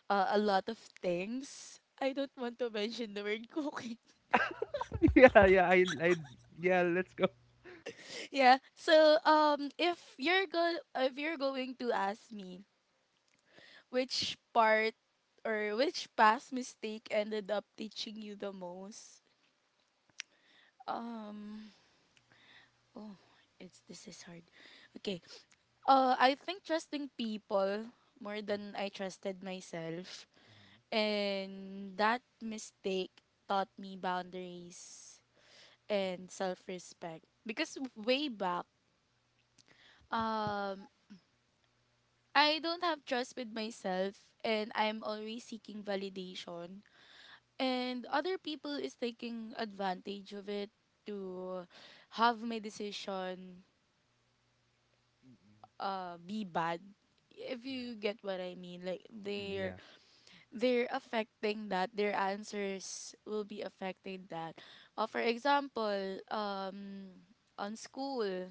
a lot of things. I don't want to mention the word <laughs> cooking.
Yeah, yeah, let's go. Oh,
Yeah. So, if you're go if you're going to ask me, which part or which past mistake ended up teaching you the most? Um, oh, it's this is hard. Okay. I think trusting people more than I trusted myself,
mm,
and that mistake taught me boundaries
mm,
and self-respect. Because way back, um, I don't have trust with myself, and I'm always seeking validation, and other people is taking advantage of it, to have my decision
mm, mm,
be bad, if
yeah.
you get what I mean. Like,
Mm, yeah.
they're affecting that, their answers will be affecting that. For example, on school,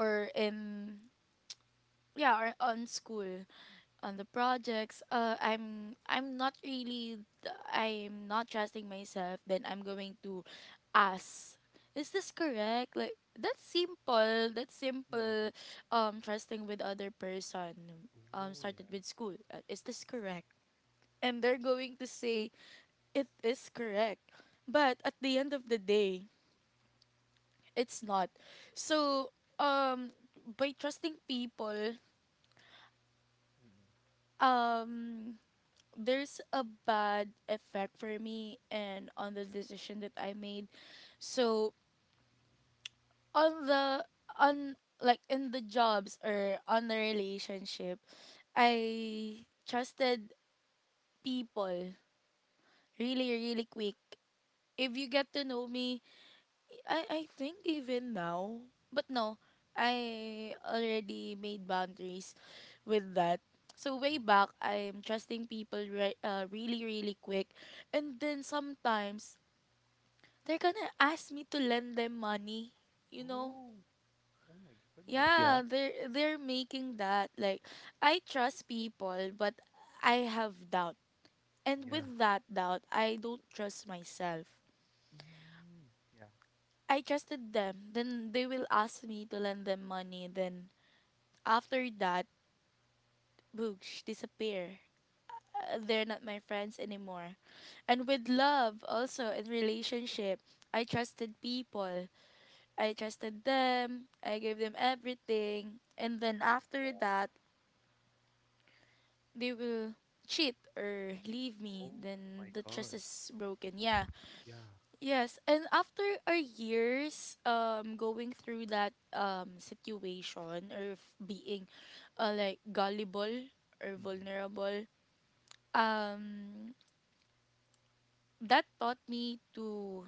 or in, yeah, or on school, on the projects, I'm not really, th- I'm not trusting myself. Then I'm going to ask, is this correct, like, that's simple, that's
Mm,
simple.
mm,
Trusting with other person,
oh,
started
yeah.
with school, is this correct, and they're going to say, it is correct. But at the end of the day, it's not. So, um by trusting people,
Mm,
um there's a bad effect for me and on the decision that I made. So, on the on like in the jobs or on the relationship, I trusted people really really quick. If you get to know me, I think even now, but no, I already made boundaries with that. So
mm,
way
yeah.
back, I'm trusting people right, really really quick. And then sometimes they're gonna ask me to lend them money, you know
Mm, oh, oh my goodness, yeah.
yeah. They're making that like, I trust people, but I have doubt, and
Yeah,
with that doubt I don't trust myself.
mm, yeah,
I trusted them, then they will ask me to lend them money, then after that, boosh, disappear. They're not my friends anymore. And with love also, in relationship, I trusted people, I trusted them, I gave them everything, and then after that, they will cheat or leave me.
oh my
Then the
God,
trust is broken. Yeah.
yeah.
Yes, and after our years, going through that, situation, or being, like, gullible or
Mm, mm,
vulnerable, um that taught me to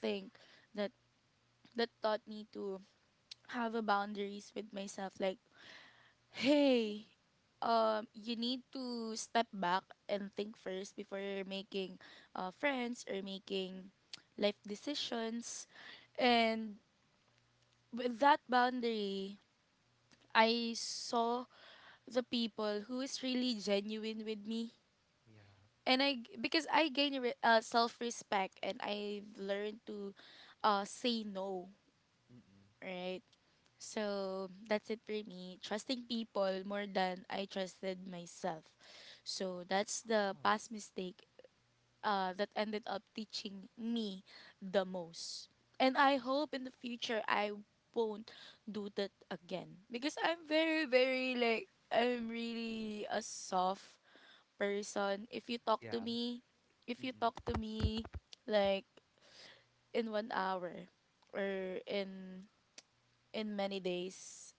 think that that taught me to have a boundaries with myself, like, hey, you need to step back and think first before making, friends or making <tsk> life decisions.
mm,
And
mm,
with that boundary, I saw the people who is really genuine with me.
yeah.
And because I gain self-respect, and I've learned to, say no,
Mm-mm.
right? So that's it for me, trusting people more than I trusted myself. So that's the
Oh,
past mistake that ended up teaching me the most. And I hope in the future I won't do that again, because I'm very, very, like, I'm really a soft person. If you talk
yeah.
to me, if you talk
Mm-mm.
to me, like, in 1 hour or in many days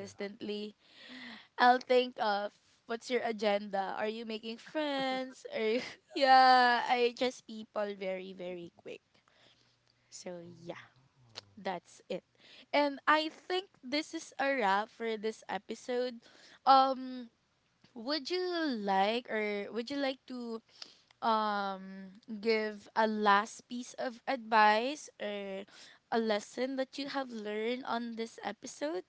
Yeah.
I'll think of, what's your agenda? Are you making friends? Are you, <laughs> yeah, I just people very very quick. So yeah,
Oh,
that's it. And I think this is a wrap for this episode. Um would you like or would you like to give a last piece of advice or a lesson that you have learned on this episode?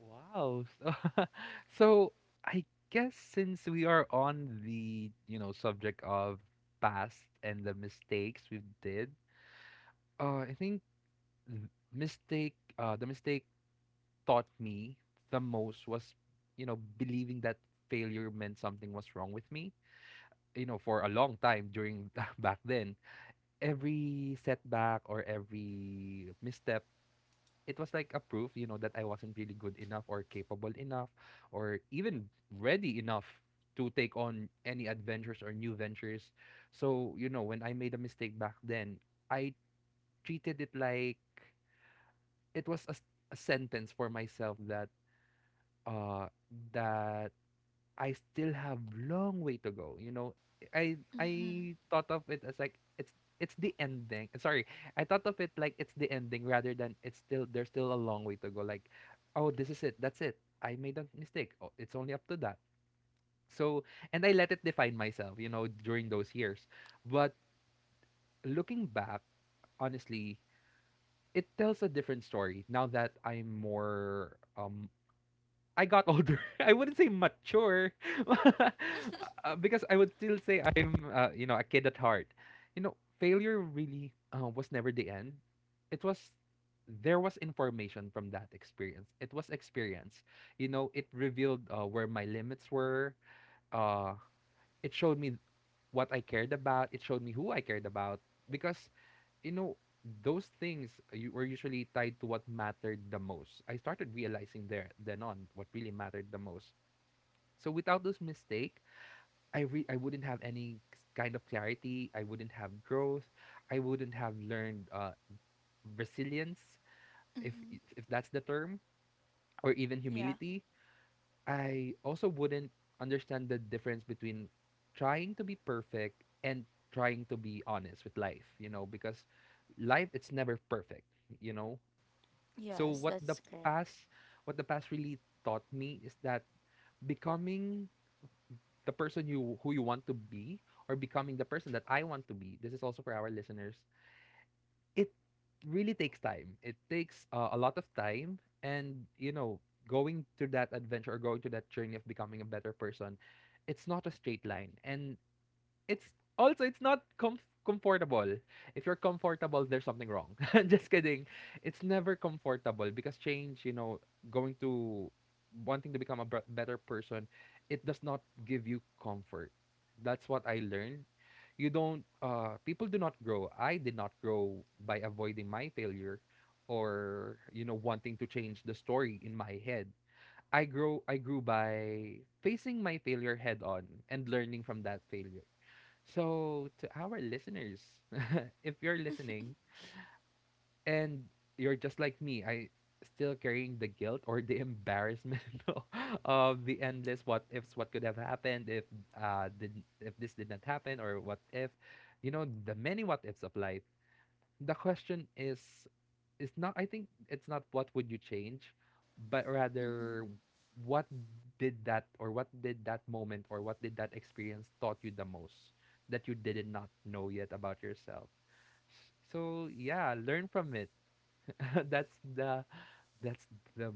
wow. Wow. So, <laughs> so I guess since we are on the, you know, subject of past and the mistakes we've did, I think th- the mistake taught me the most was, you know, believing that failure meant something was wrong with me. You know, for a long time during <laughs> back then, every setback or every misstep, it was like a proof, you know, that I wasn't really good enough or capable enough or even ready enough to take on any adventures or new ventures. So, you know, when I made a mistake back then, I treated it like it was a sentence for myself that uh that I still have long way to go. You know,
Mhm.
I thought of it as like it's the ending. Sorry, I thought of it like it's the ending rather than it's still there's still a long way to go. Like, oh, this is it. That's it. I made a mistake. Oh, it's only up to that. So, and I let it define myself, you know, during those years. But looking back, honestly, it tells a different story now that I'm more I got older. <laughs> I wouldn't say mature, <laughs> because I would still say I'm, you know, a kid at heart. You know, failure really was never the end. It was, there was information from that experience. It was experience. You know, it revealed where my limits were. Uh, it showed me what I cared about. It showed me who I cared about because, you know, those things you were usually tied to what mattered the most, I started realizing there then on what really mattered the most. So without this mistake, I wouldn't have any kind of clarity, I wouldn't have growth, I wouldn't have learned resilience,
Mhm.
if that's the term, or even
Yeah.
humility. I also wouldn't understand the difference between trying to be perfect and trying to be honest with life, you know, because life, it's never perfect, you know. So
Yes,
what the
that's correct.
past, what the past really taught me is that becoming the person you who you want to be, or becoming the person that I want to be. This is also for our listeners. It really takes time. It takes a lot of time, and you know, going through that adventure or going to that journey of becoming a better person, it's not a straight line. And it's also it's not comfortable. If you're comfortable, there's something wrong. <laughs> Just kidding. It's never comfortable because change, you know, going to wanting to become a better person, it does not give you comfort. That's what I learned. You don't people do not grow. I did not grow by avoiding my failure or you know wanting to change the story in my head. I grew by facing my failure head on and learning from that failure. So, to our listeners, <laughs> if you're listening and you're just like me, I still carrying the guilt or the embarrassment <laughs> o- of the endless what ifs, what could have happened if if this did not happen or what if, you know, the many what ifs of life. The question is, it's not what would you change, but
Mhm.
rather what did that, or what did that moment, or what did that experience taught you the most, that you did not know yet about yourself. So yeah, learn from it. <laughs> That's the that's the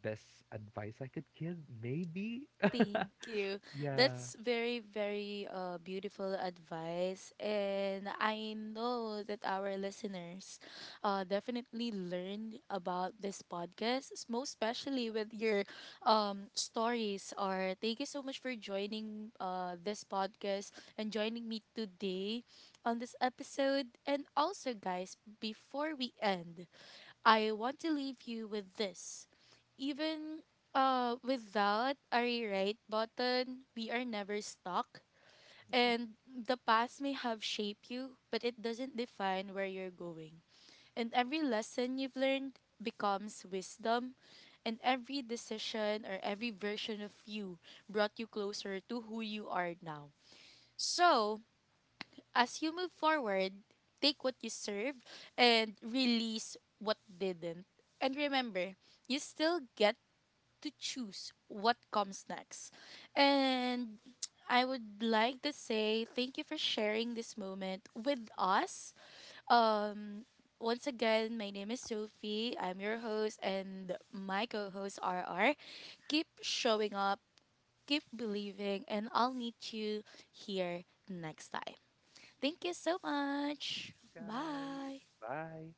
best advice I could give, maybe. <laughs>
Thank you.
Yeah.
That's very, very beautiful advice. And I know that our listeners definitely learned about this podcast, most especially with your stories. Or thank you so much for joining this podcast, and joining me today on this episode. And also, guys, before we end, I want to leave you with this. Even without a rewrite button, we are never stuck. And the past may have shaped you, but it doesn't define where you're going. And every lesson you've learned becomes wisdom. And every decision, or every version of you, brought you closer to who you are now. So, as you move forward, take what you serve and release what didn't. And remember, you still get to choose what comes next. And I would like to say thank you for sharing this moment with us. Um Once again, my name is Sophie. I'm your host, and my co-host RR. Keep showing up, keep believing, and I'll meet you here next time. Thank you so much.
Guys,
Bye.
bye.